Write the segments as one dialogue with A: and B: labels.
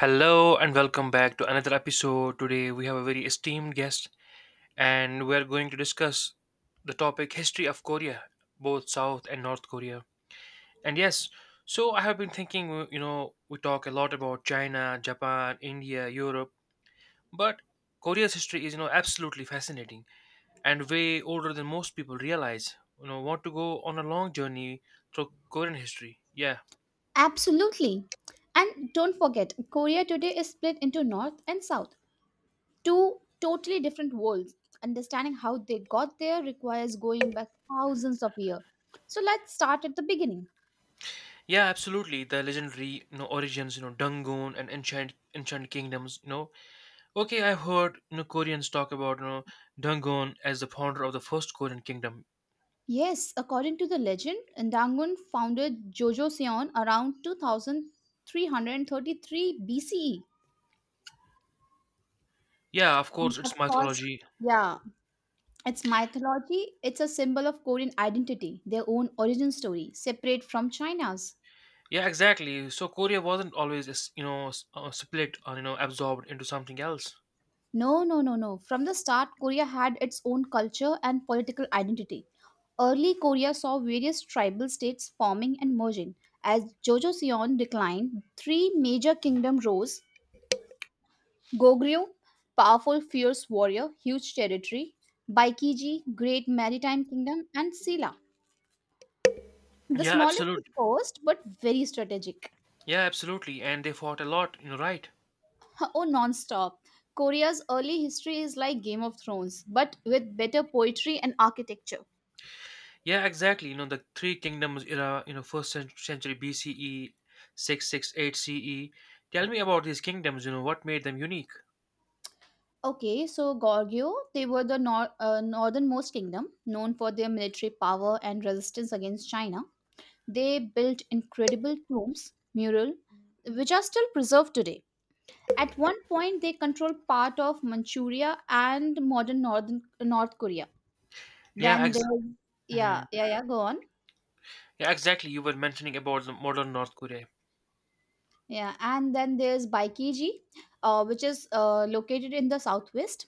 A: Hello and welcome back to another episode. Today we have a very esteemed guest and we're going to discuss the topic history of Korea, both South and North Korea. And yes, so I have been thinking, we talk a lot about China, Japan, India, Europe, but Korea's history is absolutely fascinating and way older than most people realize. Want to go on a long journey through Korean history. Yeah.
B: Absolutely. And don't forget, Korea today is split into North and South, two totally different worlds. Understanding how they got there requires going back thousands of years. So let's start at the beginning.
A: Yeah, absolutely. The legendary origins, Dungun and Enchant Kingdoms. Okay, I've heard Koreans talk about Dungun as the founder of the first Korean kingdom.
B: Yes, according to the legend, Dangun founded Joseon around 2333 BCE.
A: Yeah, of course,
B: And of
A: it's
B: course,
A: mythology.
B: yeah, it's mythology, it's a symbol of Korean identity, their own origin story, separate from China's.
A: Yeah, exactly. So Korea wasn't always, as, split or absorbed into something else.
B: No, no, no, no. From the start, Korea had its own culture and political identity. Early Korea saw various tribal states forming and merging. As Jojoseon declined, three major kingdoms rose: Goguryeo, powerful, fierce warrior, huge territory, Baekiji, great maritime kingdom, and Silla. The
A: Yeah,
B: smallest at
A: absolutely.
B: first, but very strategic.
A: Yeah, absolutely. And they fought a lot, right?
B: Oh, non stop. Korea's early history is like Game of Thrones, but with better poetry and architecture.
A: Yeah, exactly. The Three Kingdoms era, first century BCE, 668 CE. Tell me about these kingdoms, what made them unique?
B: Okay, so Goryeo, they were the northernmost kingdom, known for their military power and resistance against China. They built incredible tombs, mural, which are still preserved today. At one point, they controlled part of Manchuria and modern northern North Korea.
A: Yeah,
B: Then
A: ex-
B: there's Yeah,
A: Mhm.
B: yeah, yeah. Go on.
A: Yeah, exactly. You were mentioning about the modern North Korea.
B: Yeah, and then there's Baikiji, which is located in the southwest.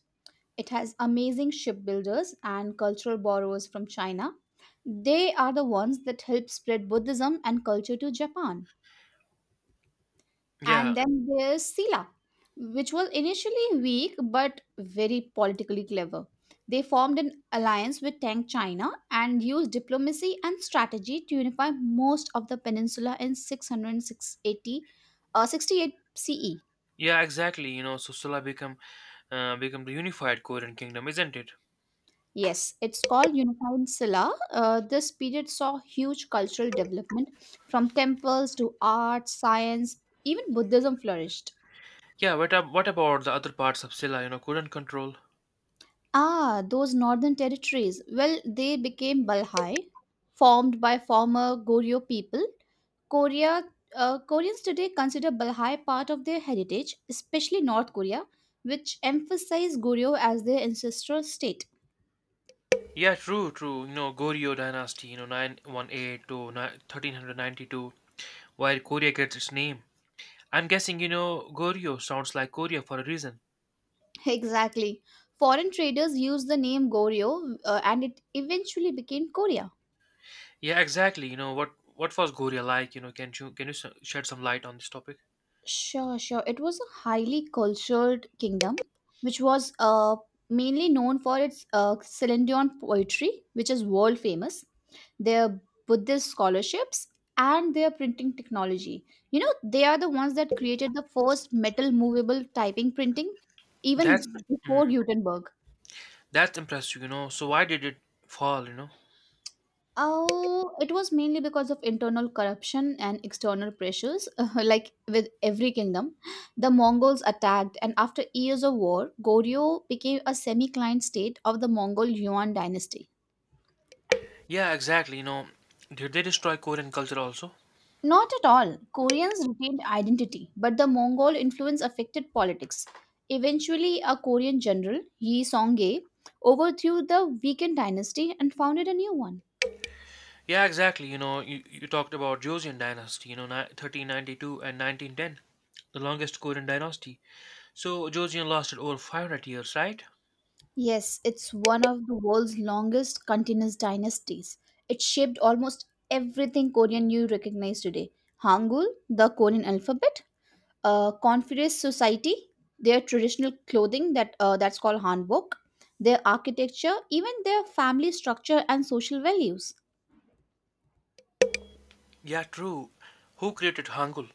B: It has amazing shipbuilders and cultural borrowers from China. They are the ones that helped spread Buddhism and culture to Japan.
A: Yeah,
B: And then there's Silla, which was initially weak but very politically clever. They formed an alliance with Tang China and used diplomacy and strategy to unify most of the peninsula in 668, 68 CE.
A: yeah, exactly. So Silla become the unified Korean kingdom, isn't it?
B: Yes, it's called Unified Silla. This period saw huge cultural development from temples to art, science, even Buddhism flourished.
A: Yeah, what about the other parts of Silla, couldn't control?
B: Ah, those northern territories. Well, they became Balhai, formed by former Goryeo people. Korea, Koreans today consider Balhai part of their heritage, especially North Korea, which emphasize Goryeo as their ancestral state.
A: Yeah, true, true. Goryeo dynasty, 918 to 1392, where Korea gets its name. I'm guessing Goryeo sounds like Korea for a reason.
B: Exactly. Foreign traders used the name Goryeo, and it eventually became Korea.
A: Yeah, exactly. What was Goryeo like? Can you shed some light on this topic?
B: Sure, sure. It was a highly cultured kingdom, which was mainly known for its Celine poetry, which is world famous, their Buddhist scholarships, and their printing technology. You know, they are the ones that created the first metal movable typing printing,
A: That's
B: even
A: mm,
B: before Gutenberg.
A: that's impressive. So why did it fall?
B: Oh, it was mainly because of internal corruption and external pressures. Like with every kingdom, the Mongols attacked, and after years of war, Goryeo became a semi client state of the Mongol Yuan dynasty.
A: Yeah, exactly. Did they destroy Korean culture also?
B: Not at all. Koreans retained identity, but the Mongol influence affected politics. Eventually, a Korean general, Yi Song-gae, overthrew the weakened dynasty and founded a new one.
A: Yeah, exactly. You talked about Joseon dynasty. 1392 and 1910, the longest Korean dynasty. So Joseon lasted over 500 years, right?
B: Yes, it's one of the world's longest continuous dynasties. It shaped almost everything Korean you recognize today. Hangul, the Korean alphabet, Confucius society, their traditional clothing that's called hanbok, their architecture, even their family structure and social values.
A: Yeah, true. Who created Hangul?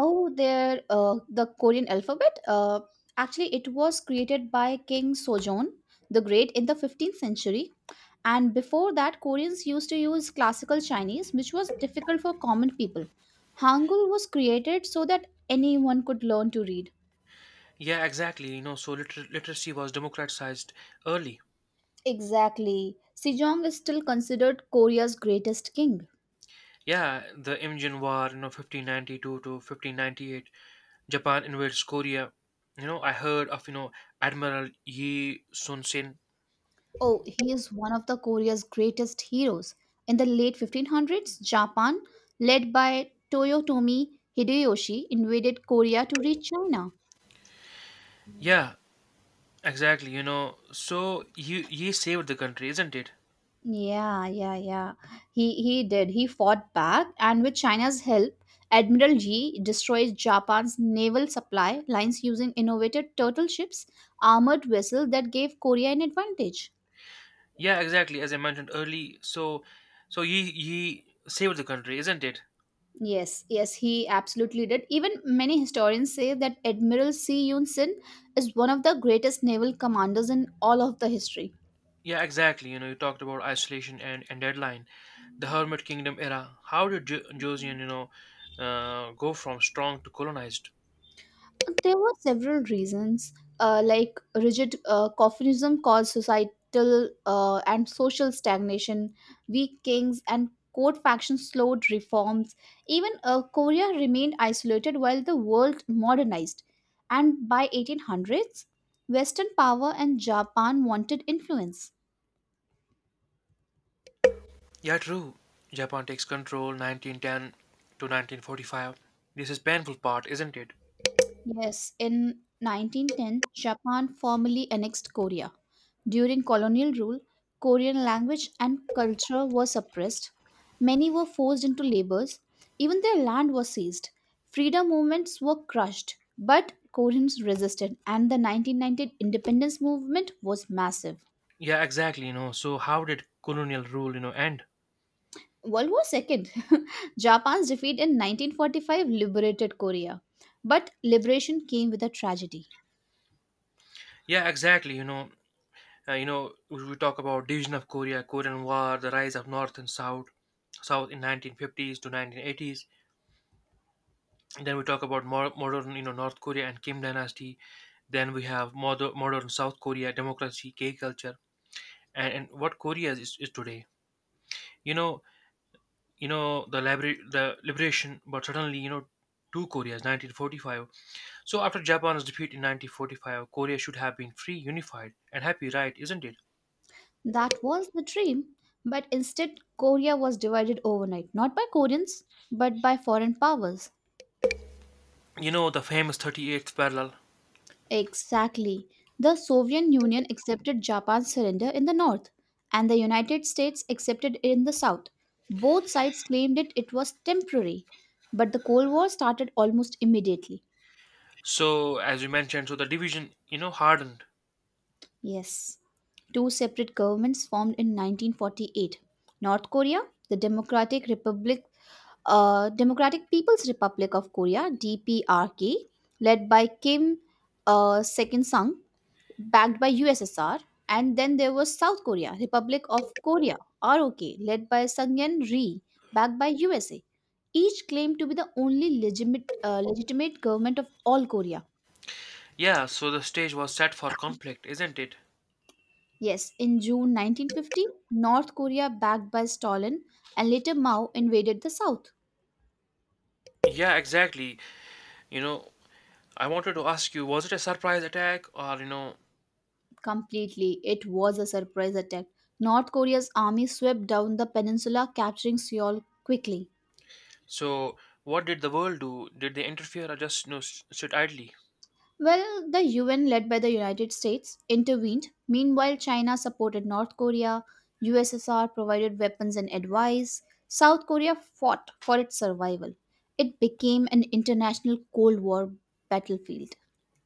B: Oh, the Korean alphabet. Actually, it was created by King Sejong the Great in the 15th century. And before that, Koreans used to use classical Chinese, which was difficult for common people. Hangul was created so that anyone could learn to read.
A: Yeah, exactly. So literacy was democratized early.
B: Exactly. Sejong is still considered Korea's greatest king.
A: Yeah, the Imjin War, 1592 to 1598, Japan invades Korea. I heard of, Admiral Yi Sun-sin.
B: Oh, he is one of the Korea's greatest heroes. In the late 1500s, Japan, led by Toyotomi Hideyoshi, invaded Korea to reach China.
A: Yeah, exactly. So Yi saved the country, isn't it?
B: Yeah, yeah, yeah. He did. He fought back, and with China's help, Admiral Yi destroyed Japan's naval supply lines using innovative turtle ships, armored vessels that gave Korea an advantage.
A: Yeah, exactly. As I mentioned early, so Yi saved the country, isn't it?
B: Yes, yes, he absolutely did. Even many historians say that Admiral See Yoon Sin is one of the greatest naval commanders in all of the history.
A: Yeah, exactly. You talked about isolation and deadline. The Hermit Kingdom era. How did Joseon, go from strong to colonized?
B: There were several reasons, like rigid Confucianism caused societal and social stagnation, weak kings and court factions slowed reforms. Even Korea remained isolated while the world modernized. And by 1800s, Western power and Japan wanted influence.
A: Yeah, true. Japan takes control 1910 to 1945. This is painful part, isn't it?
B: Yes, in 1910, Japan formally annexed Korea. During colonial rule, Korean language and culture were suppressed. Many were forced into labors. Even their land was seized. Freedom movements were crushed, but Koreans resisted, and the 1919 independence movement was massive.
A: Yeah, exactly. So how did colonial rule, end?
B: World War II. Japan's defeat in 1945 liberated Korea. But liberation came with a tragedy.
A: Yeah, exactly. We talk about division of Korea, Korean War, the rise of North and South, South in 1950s to 1980s. And then we talk about more modern, North Korea and Kim Dynasty. Then we have modern South Korea, democracy, gay culture. And what Korea is today. You know, the library, the liberation, but suddenly two Koreas, 1945. So after Japan's defeat in 1945, Korea should have been free, unified, and happy, right? Isn't it?
B: That was the dream, but instead, Korea was divided overnight, not by Koreans, but by foreign powers.
A: You know the famous 38th parallel.
B: Exactly. The Soviet Union accepted Japan's surrender in the north, and the United States accepted it in the south. Both sides claimed it, it was temporary, but the Cold War started almost immediately.
A: So as you mentioned, so the division, hardened.
B: Yes, two separate governments formed in 1948. North Korea, the Democratic Republic, Democratic People's Republic of Korea (DPRK), led by Kim, Sekin Sung, backed by USSR, and then there was South Korea, Republic of Korea (ROK), led by Sungyeon Ri, backed by USA. Each claimed to be the only legitimate government of all Korea.
A: Yeah, so the stage was set for conflict, isn't it?
B: Yes, in June 1950, North Korea, backed by Stalin and later Mao, invaded the South.
A: Yeah, exactly. You know, I wanted to ask you, was it a surprise attack or
B: Completely, it was a surprise attack. North Korea's army swept down the peninsula, capturing Seoul quickly.
A: so what did the world do? Did they interfere or just sit idly?
B: Well, the UN, led by the United States, intervened. Meanwhile, China supported North Korea. USSR provided weapons and advice. South Korea fought for its survival. It became an international Cold War battlefield.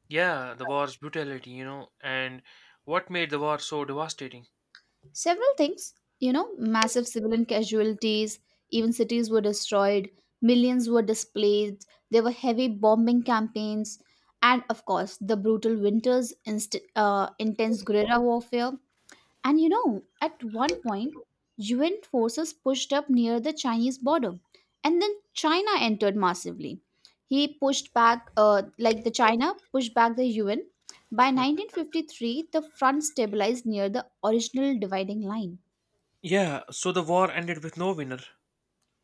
A: Yeah, the war's brutality, and what made the war so devastating?
B: Several things, you know, massive civilian casualties, even cities were destroyed, millions were displaced, there were heavy bombing campaigns, and of course, the brutal winters, intense guerrilla warfare, and you know, at one point, UN forces pushed up near the Chinese border, and then China entered massively. He pushed back, like the China pushed back the UN. By 1953, the front stabilized near the original dividing line.
A: Yeah, so the war ended with no winner.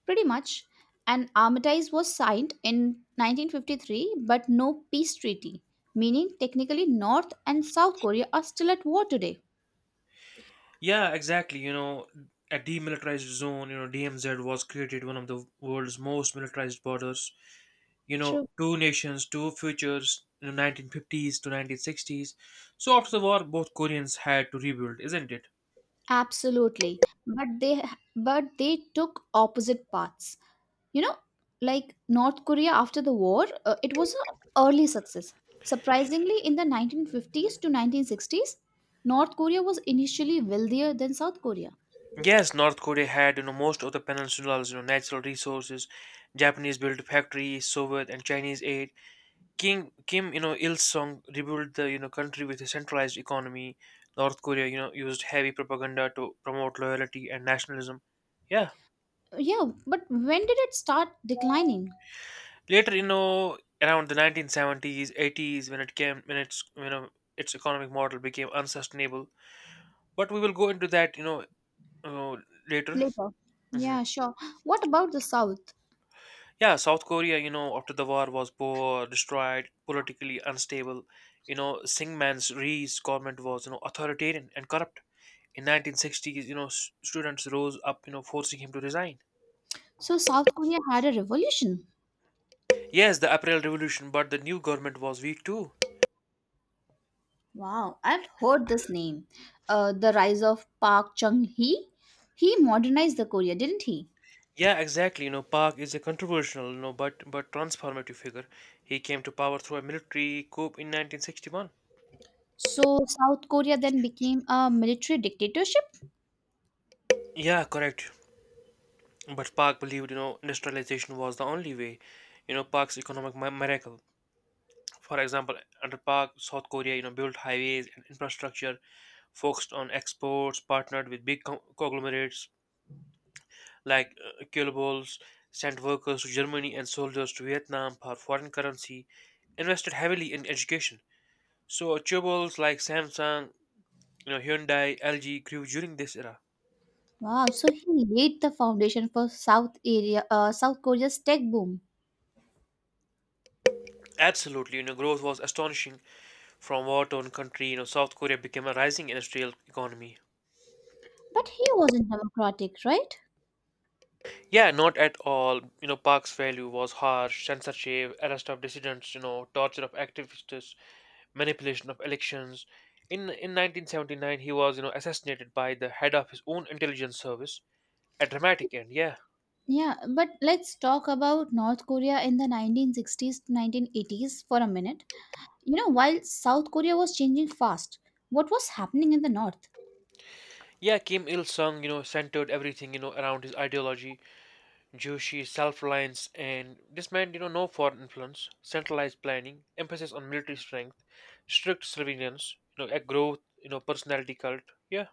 B: Pretty much, an armistice was signed in 1953, but no peace treaty, meaning technically North and South Korea are still at war today.
A: Yeah, exactly. A demilitarized zone, DMZ was created one of the world's most militarized borders. Two nations, two futures, 1950s to 1960s. So after the war, both Koreans had to rebuild, isn't it?
B: Absolutely. But they took opposite paths. You know, like North Korea after the war, it was an early success. Surprisingly, in the 1950s to 1960s, North Korea was initially wealthier than South Korea.
A: Yes, North Korea had, most of the peninsula's, natural resources. Japanese built factories, Soviet and Chinese aid. Kim Il Sung rebuilt the country with a centralized economy. North Korea used heavy propaganda to promote loyalty and nationalism. Yeah.
B: Yeah, but when did it start declining?
A: Later around the 1970s, 80s when it came when its its economic model became unsustainable. But we will go into that uh, later.
B: Later.
A: Hmm.
B: Yeah, sure. What about the South?
A: Yeah, South Korea after the war was poor, destroyed, politically unstable. Syngman Rhee's government was authoritarian and corrupt. In 1960s, students rose up, forcing him to resign.
B: So South Korea had a revolution.
A: Yes, the April Revolution, but the new government was weak too.
B: Wow, I've heard this name. The rise of Park Chung Hee. He modernized the Korea, didn't he?
A: Yeah, exactly. Park is a controversial, but transformative figure. He came to power through a military coup in 1961.
B: So South Korea then became a military dictatorship.
A: Yeah, correct. But Park believed, industrialization was the only way. Park's economic miracle. For example, under Park, South Korea, built highways and infrastructure, focused on exports, partnered with big conglomerates, like Kielbols sent workers to Germany and soldiers to Vietnam for foreign currency, invested heavily in education. So chewables like Samsung, Hyundai, LG grew during this era.
B: Wow, so he laid the foundation for South Korea's tech boom.
A: Absolutely, growth was astonishing from war-torn country. South Korea became a rising industrial economy.
B: But he wasn't democratic, right?
A: Yeah, not at all. Park's value was harsh, censorship, arrest of dissidents, torture of activists, manipulation of elections. In 1979, he was, assassinated by the head of his own intelligence service. A dramatic end, yeah.
B: Yeah, but let's talk about North Korea in the 1960s to 1980s for a minute. You know, while South Korea was changing fast, what was happening in the North?
A: Yeah, Kim Il Sung, centered everything, around his ideology, Juche, self reliance, and this meant, no foreign influence, centralized planning, emphasis on military strength, strict surveillance, a growth, personality cult. Yeah.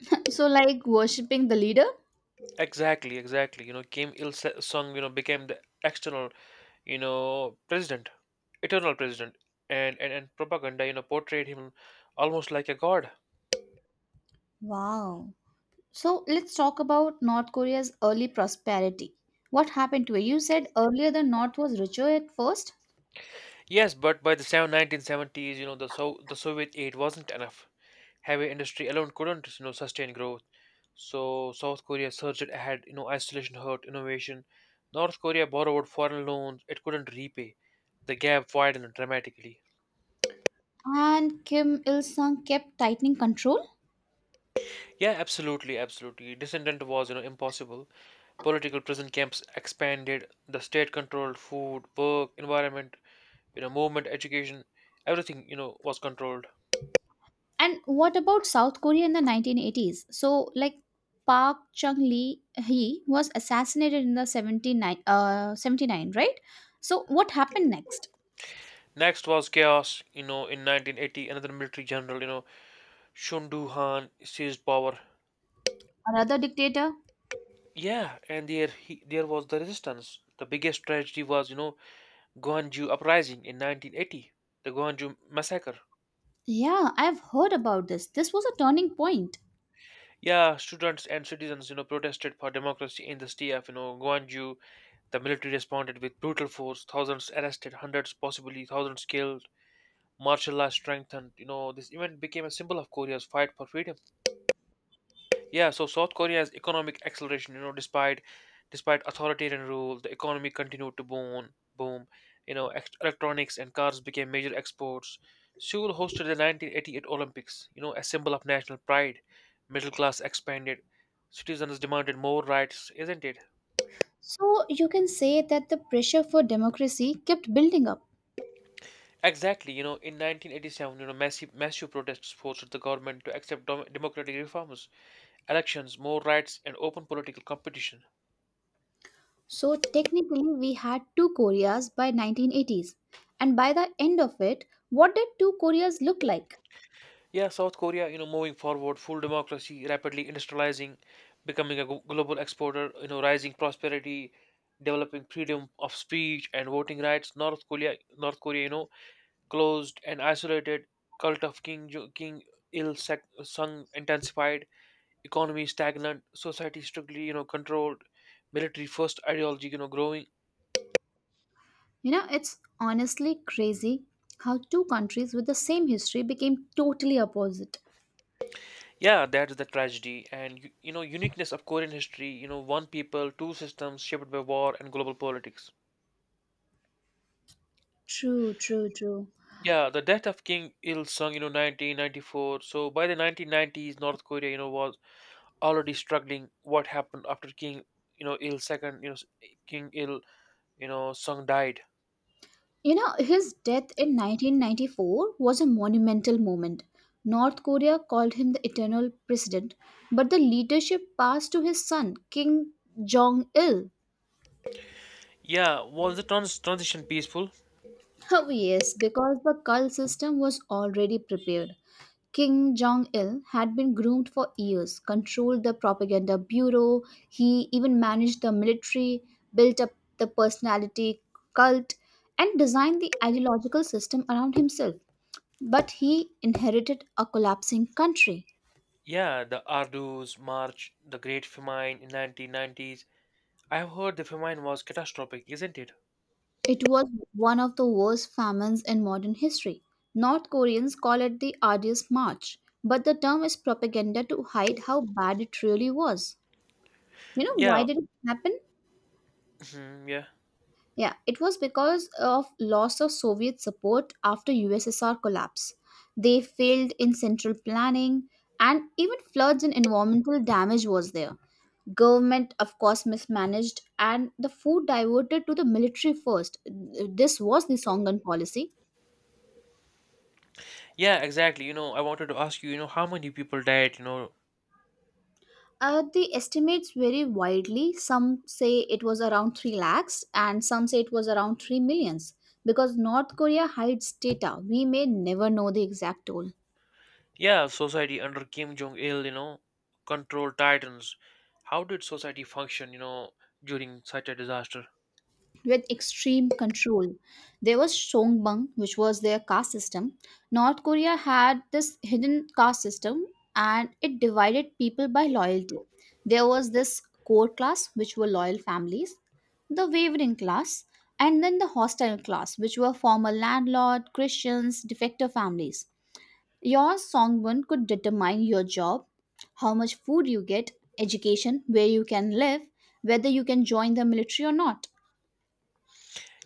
B: So, like worshipping the leader?
A: Exactly, exactly. Kim Il Sung, became the external, president, eternal president, and propaganda, portrayed him almost like a god.
B: Wow. So let's talk about North Korea's early prosperity. What happened to it? You said earlier the North was richer at first,
A: Yes, but by the 1970s, the so the Soviet aid wasn't enough. Heavy industry alone couldn't, sustain growth. So South Korea surged ahead. Isolation hurt innovation. North Korea borrowed foreign loans it couldn't repay. The gap widened dramatically.
B: and Kim Il sung kept tightening control.
A: Yeah, absolutely, absolutely. Descendant was, impossible. Political prison camps expanded, the state controlled food, work environment, movement, education, everything was controlled.
B: And what about South Korea in the 1980s? So, like Park Chung Lee, he was assassinated in the 79, 79, right? So, what happened next?
A: Next was chaos. In 1980, another military general, Shundu Han, seized power.
B: Another dictator?
A: Yeah, and there was the resistance. The biggest tragedy was Gwangju uprising in 1980, the Gwangju massacre.
B: Yeah, I've heard about this. This was a turning point.
A: Yeah, students and citizens protested for democracy in the state of Gwangju. The military responded with brutal force, thousands arrested, hundreds, possibly thousands killed. Martial law strengthened. This event became a symbol of Korea's fight for freedom. Yeah, so South Korea's economic acceleration, despite authoritarian rule, the economy continued to boom. Boom. Electronics and cars became major exports. Seoul hosted the 1988 Olympics. A symbol of national pride. Middle class expanded. Citizens demanded more rights, isn't it?
B: So you can say that the pressure for democracy kept building up.
A: Exactly, in 1987, massive, massive protests forced the government to accept democratic reforms, elections, more rights, and open political competition.
B: So technically, we had two Koreas by 1980s, and by the end of it, what did two Koreas look like?
A: Yeah, South Korea, moving forward, full democracy, rapidly industrializing, becoming a global exporter, rising prosperity, developing freedom of speech and voting rights. North Korea, closed and isolated, cult of King Il Sung intensified, economy stagnant, society strictly, controlled, military first ideology, growing.
B: You know, it's honestly crazy how two countries with the same history became totally opposite.
A: Yeah, that's the tragedy. And uniqueness of Korean history, one people, two systems shaped by war and global politics.
B: True, true, true.
A: Yeah, the death of King Il Sung, 1994. So by the 1990s, North Korea, was already struggling. What happened after King, Il second, King Il, Sung died.
B: You know, his death in 1994 was a monumental moment. North Korea called him the eternal president, but the leadership passed to his son, Kim Jong il.
A: Yeah, was the transition peaceful?
B: Oh, yes, because the cult system was already prepared. Kim Jong il had been groomed for years, controlled the propaganda bureau, he even managed the military, built up the personality cult, and designed the ideological system around himself. But he inherited a collapsing country.
A: Yeah, the Ardu's March, the Great Famine in 1990s. I have heard the famine was catastrophic, isn't it?
B: It was one of the worst famines in modern history. North Koreans call it the arduous march, but the term is propaganda to hide how bad it really was. You know why
A: Yeah,
B: did it happen?
A: mhm, yeah,
B: Yeah, it was because of loss of Soviet support after USSR collapse. They failed in central planning, and even floods and environmental damage was there. Government of course mismanaged and the food diverted to the military first. This was the Songan policy.
A: yeah, exactly. I wanted to ask you, how many people died?
B: The estimates vary widely. Some say it was around 3 lakhs and some say it was around 3 millions, because North Korea hides data. We may never know the exact toll.
A: Yeah, society under Kim Jong Il, control titans. How did society function? During such a disaster?
B: With extreme control. There was Songbang, which was their caste system. North Korea had this hidden caste system and it divided people by loyalty. There was this core class, which were loyal families, the wavering class, and then the hostile class, which were former landlord, Christians, defector families. Your Songbun could determine your job, how much food you get, education, where you can live, whether you can join the military or not.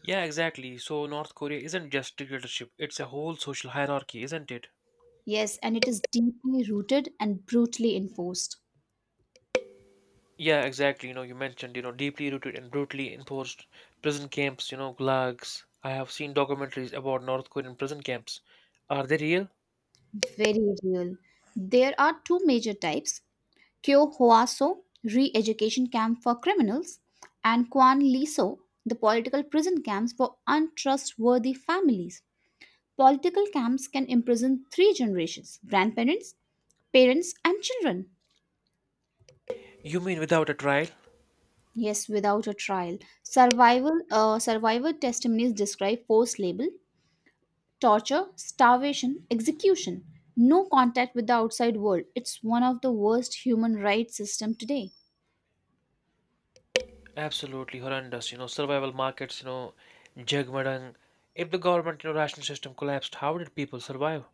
A: Yeah, exactly. So North Korea isn't just dictatorship; it's a whole social hierarchy, isn't it?
B: Yes, and it is deeply rooted and brutally enforced.
A: Yeah, exactly. You mentioned, deeply rooted and brutally enforced prison camps, gulags. I have seen documentaries about North Korean prison camps. Are they real?
B: Very real. There are two major types: Kyo Hoaso, re education camp for criminals, and Kwan Liso, the political prison camps for untrustworthy families. Political camps can imprison three generations, grandparents, parents, and children.
A: You mean without a trial?
B: Yes, without a trial. Survivor testimonies describe forced labor, torture, starvation, execution, no contact with the outside world. It's one of the worst human rights system today.
A: Absolutely horrendous. Survival markets, jagmadang. If the government, ration system collapsed, how did people survive?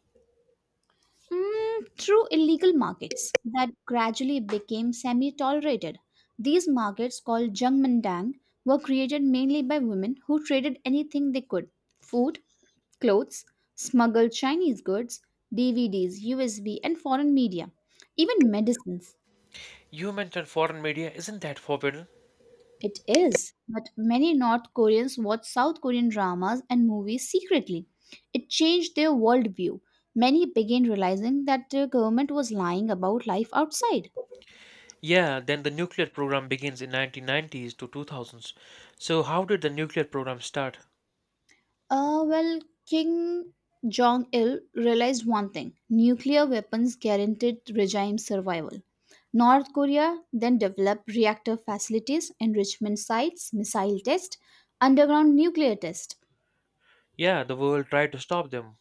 B: Mm, through illegal markets that gradually became semi-tolerated. These markets called Jungmandang were created mainly by women who traded anything they could. Food, clothes, smuggled Chinese goods, DVDs, USB, and foreign media, even medicines.
A: You mentioned foreign media. Isn't that forbidden?
B: It is, but many North Koreans watch South Korean dramas and movies secretly. It changed their worldview. Many began realizing that their government was lying about life outside.
A: Yeah, then the nuclear program begins in 1990s to 2000s. So how did the nuclear program start?
B: Uh, well, King Jong il realized one thing, nuclear weapons guaranteed regime survival. North Korea then developed reactor facilities, enrichment sites, missile tests, underground nuclear tests.
A: Yeah, the world tried to stop them.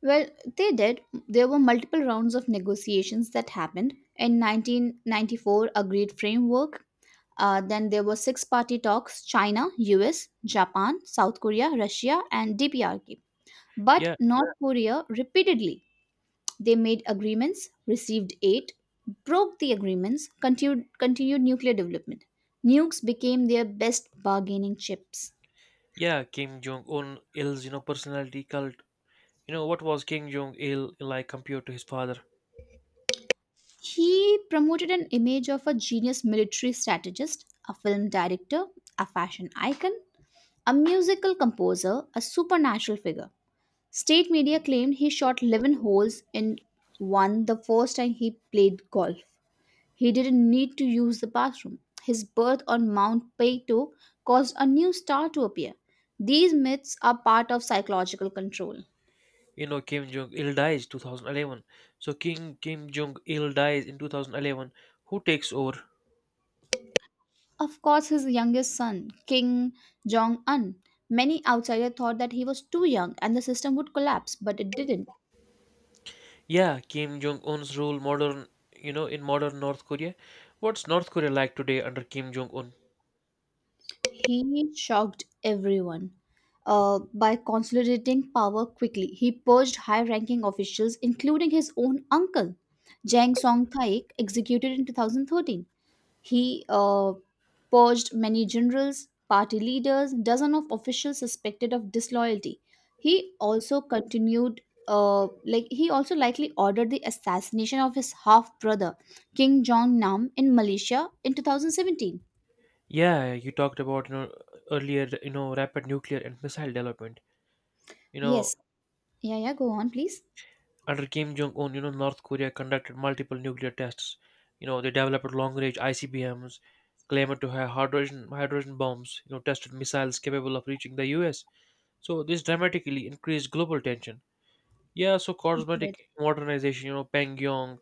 B: Well, they did. There were multiple rounds of negotiations that happened. In 1994, agreed framework. Then there were six party talks, China, US, Japan, South Korea, Russia, and DPRK. But
A: Yeah.
B: North, yeah, Korea repeatedly, they made agreements, received aid, broke the agreements, continued nuclear development. Nukes became their best bargaining chips.
A: Yeah, Kim Jong Un Il's personality cult. You know what was Kim Jong Il like compared to his father?
B: He promoted an image of a genius military strategist, a film director, a fashion icon, a musical composer, a supernatural figure. State media claimed he shot 11 holes in one the first time he played golf. He didn't need to use the bathroom. His birth on Mount Peyto caused a new star to appear. These myths are part of psychological control.
A: You know Kim Jong Il dies 2011. So King Kim Jong Il dies in 2011. Who takes over?
B: Of course, his youngest son, King Jong un, many outsiders thought that he was too young and the system would collapse, but it didn't.
A: Yeah, Kim Jong Un's rule modern in modern North Korea. What's North Korea like today under Kim Jong Un?
B: He shocked everyone. By consolidating power quickly, he purged high ranking officials, including his own uncle, Jang Song Thaik, executed in 2013. He purged many generals, party leaders, dozens of officials suspected of disloyalty. He also likely ordered the assassination of his half brother, King Jong Nam, in Malaysia in 2017.
A: Yeah, you talked about earlier rapid nuclear and missile development. You know
B: Yes. Yeah, yeah. Go on, please.
A: Under Kim Jong Un, you know, North Korea conducted multiple nuclear tests. You know, they developed long-range ICBMs, claimed to have hydrogen bombs. You know, tested missiles capable of reaching the U.S. So this dramatically increased global tension. Yeah, so
B: Good.
A: cosmetic modernization. You know, Pyongyang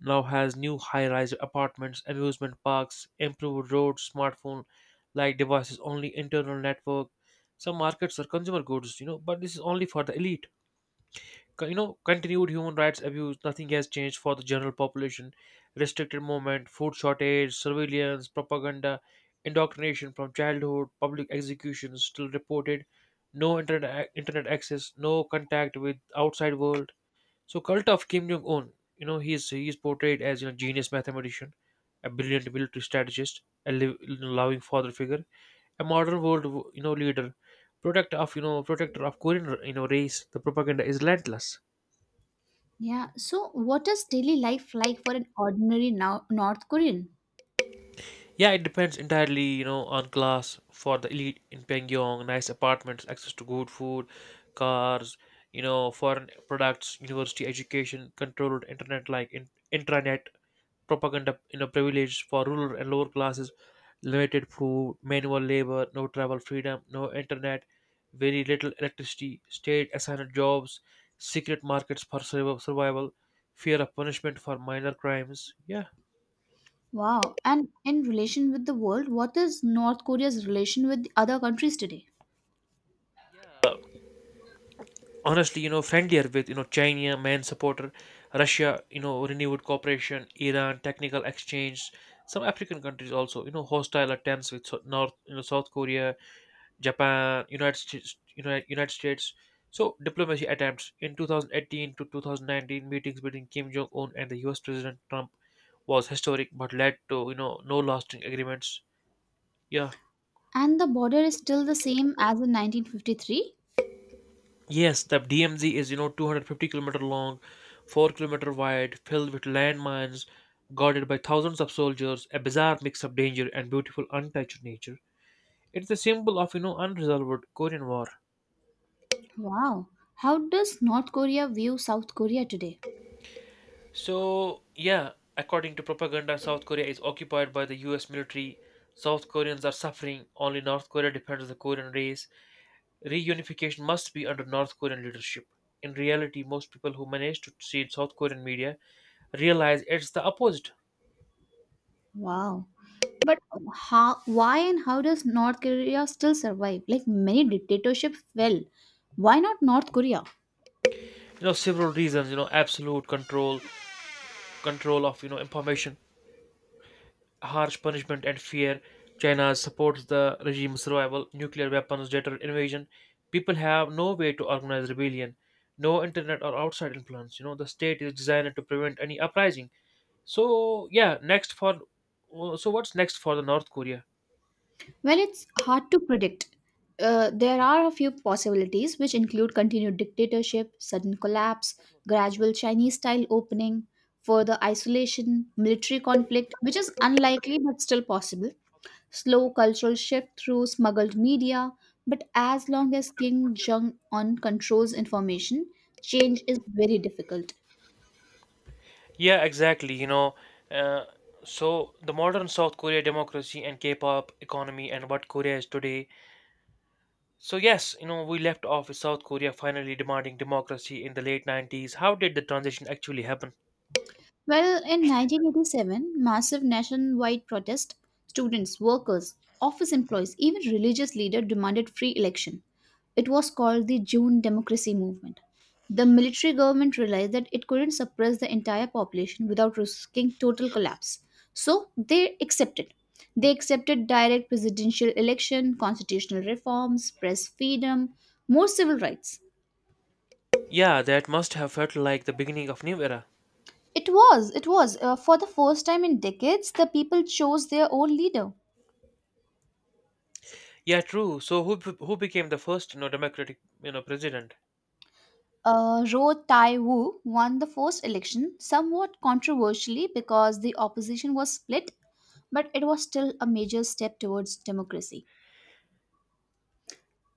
A: now has new high-rise apartments, amusement parks, improved roads, smartphone-like devices, only internal network. Some markets are consumer goods. You know, but this is only for the elite. Co- continued human rights abuse, nothing has changed for the general population: restricted movement, food shortage, surveillance, propaganda, indoctrination from childhood, public executions still reported, no internet access, no contact with outside world. So cult of Kim Jong Un. He is he is portrayed as, genius mathematician, a brilliant military strategist, loving father figure, a modern world, leader, protector of Korean, race. The propaganda is relentless.
B: Yeah. So, what is daily life like for an ordinary now North Korean?
A: Yeah, it depends entirely, you know, on class. For the elite in Pyongyang, nice apartments, access to good food, cars, you know, foreign products, university education, controlled internet like intranet, propaganda, you know, privilege. For rural and lower classes, limited food, manual labor, no travel freedom, no internet, very little electricity, state assigned jobs, secret markets for survival, fear of punishment for minor crimes. Yeah.
B: Wow. And in relation with the world, what is North Korea's relation with the other countries today?
A: Honestly, you know, friendlier with, you know, China, main supporter, Russia, you know, renewed cooperation, Iran, technical exchange, some African countries also, you know. Hostile attempts with North, you know, South Korea, Japan, United States, United States. So diplomacy attempts in 2018 to 2019, meetings between Kim Jong Un and the U.S. President Trump was historic, but led to, you know, no lasting agreements. Yeah.
B: And the border is still the same as in 1953?
A: Yes, the DMZ is, you know, 250-kilometer long, 4-kilometer wide, filled with landmines, guarded by thousands of soldiers, a bizarre mix of danger and beautiful untouched nature. It's the symbol of, you know, unresolved Korean War.
B: Wow. How does North Korea view South Korea today?
A: So, yeah, according to propaganda, South Korea is occupied by the US military. South Koreans are suffering. Only North Korea defends the Korean race. Reunification must be under North Korean leadership. In reality, most people who manage to see South Korean media realize it's the opposite.
B: Wow. But how, why and how does North Korea still survive? Like many dictatorships fell. Why not North Korea?
A: You know, several reasons: absolute control, control of, information, harsh punishment and fear. China supports the regime's survival. Nuclear weapons deter invasion. People have no way to organize rebellion, no internet or outside influence. The state is designed to prevent any uprising. so yeah next for so what's next for the North Korea?
B: Well, it's hard to predict. There are a few possibilities, which include continued dictatorship, sudden collapse, gradual Chinese style opening, further isolation, military conflict, which is unlikely but still possible, slow cultural shift through smuggled media, but as long as King Jong un controls information, change is very difficult.
A: Yeah, exactly. Uh, so the modern South Korea, democracy and K-pop economy, and what Korea is today. So yes, you know, we left off with South Korea finally demanding democracy in the late 90s. How did the transition actually happen?
B: Well, in 1987, massive nationwide protest, students, workers, office employees, even religious leaders demanded free election. It was called the June Democracy Movement. The military government realized that it couldn't suppress the entire population without risking total collapse. So they accepted. They accepted direct presidential election, constitutional reforms, press freedom, more civil rights.
A: Yeah, that must have felt like the beginning of new era.
B: It was. For the first time in decades, the people chose their own leader.
A: Yeah, true. So who became the first, you know, democratic, you know, president?
B: Ro Tai Wu won the first election somewhat controversially because the opposition was split, but it was still a major step towards democracy.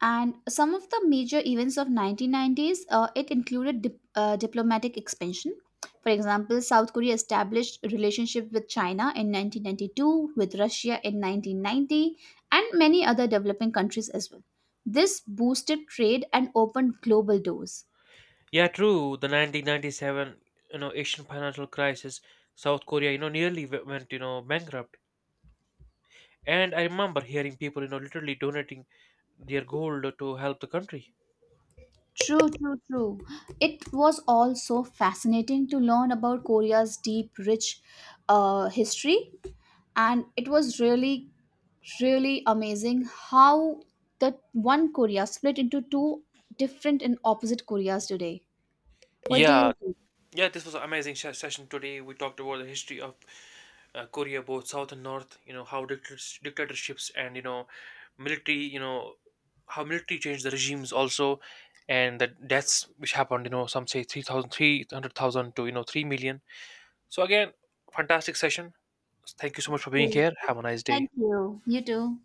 B: And some of the major events of 1990s, it included diplomatic expansion. For example, South Korea established a relationship with China in 1992, with Russia in 1990, and many other developing countries as well. This boosted trade and opened global doors.
A: Yeah, true. The 1997, you know, Asian financial crisis, South Korea, you know, nearly went, you know, bankrupt. And I remember hearing people, you know, literally donating their gold to help the country.
B: True, true, true. It was also fascinating to learn about Korea's deep, rich, history, and it was really, really amazing how that one Korea split into two different and opposite Koreas today. What do
A: Yeah.
B: you think?
A: Yeah, this was an amazing session today. We talked about the history of Korea, both South and North. You know how dictatorships, and you know military. How military changed the regimes also, and the deaths which happened. You know some say 3,000, 300,000 to you know 3 million. So again, fantastic session. Thank you so much for being
B: True,
A: here.
B: true.
A: Have a nice day.
B: Thank you. You too.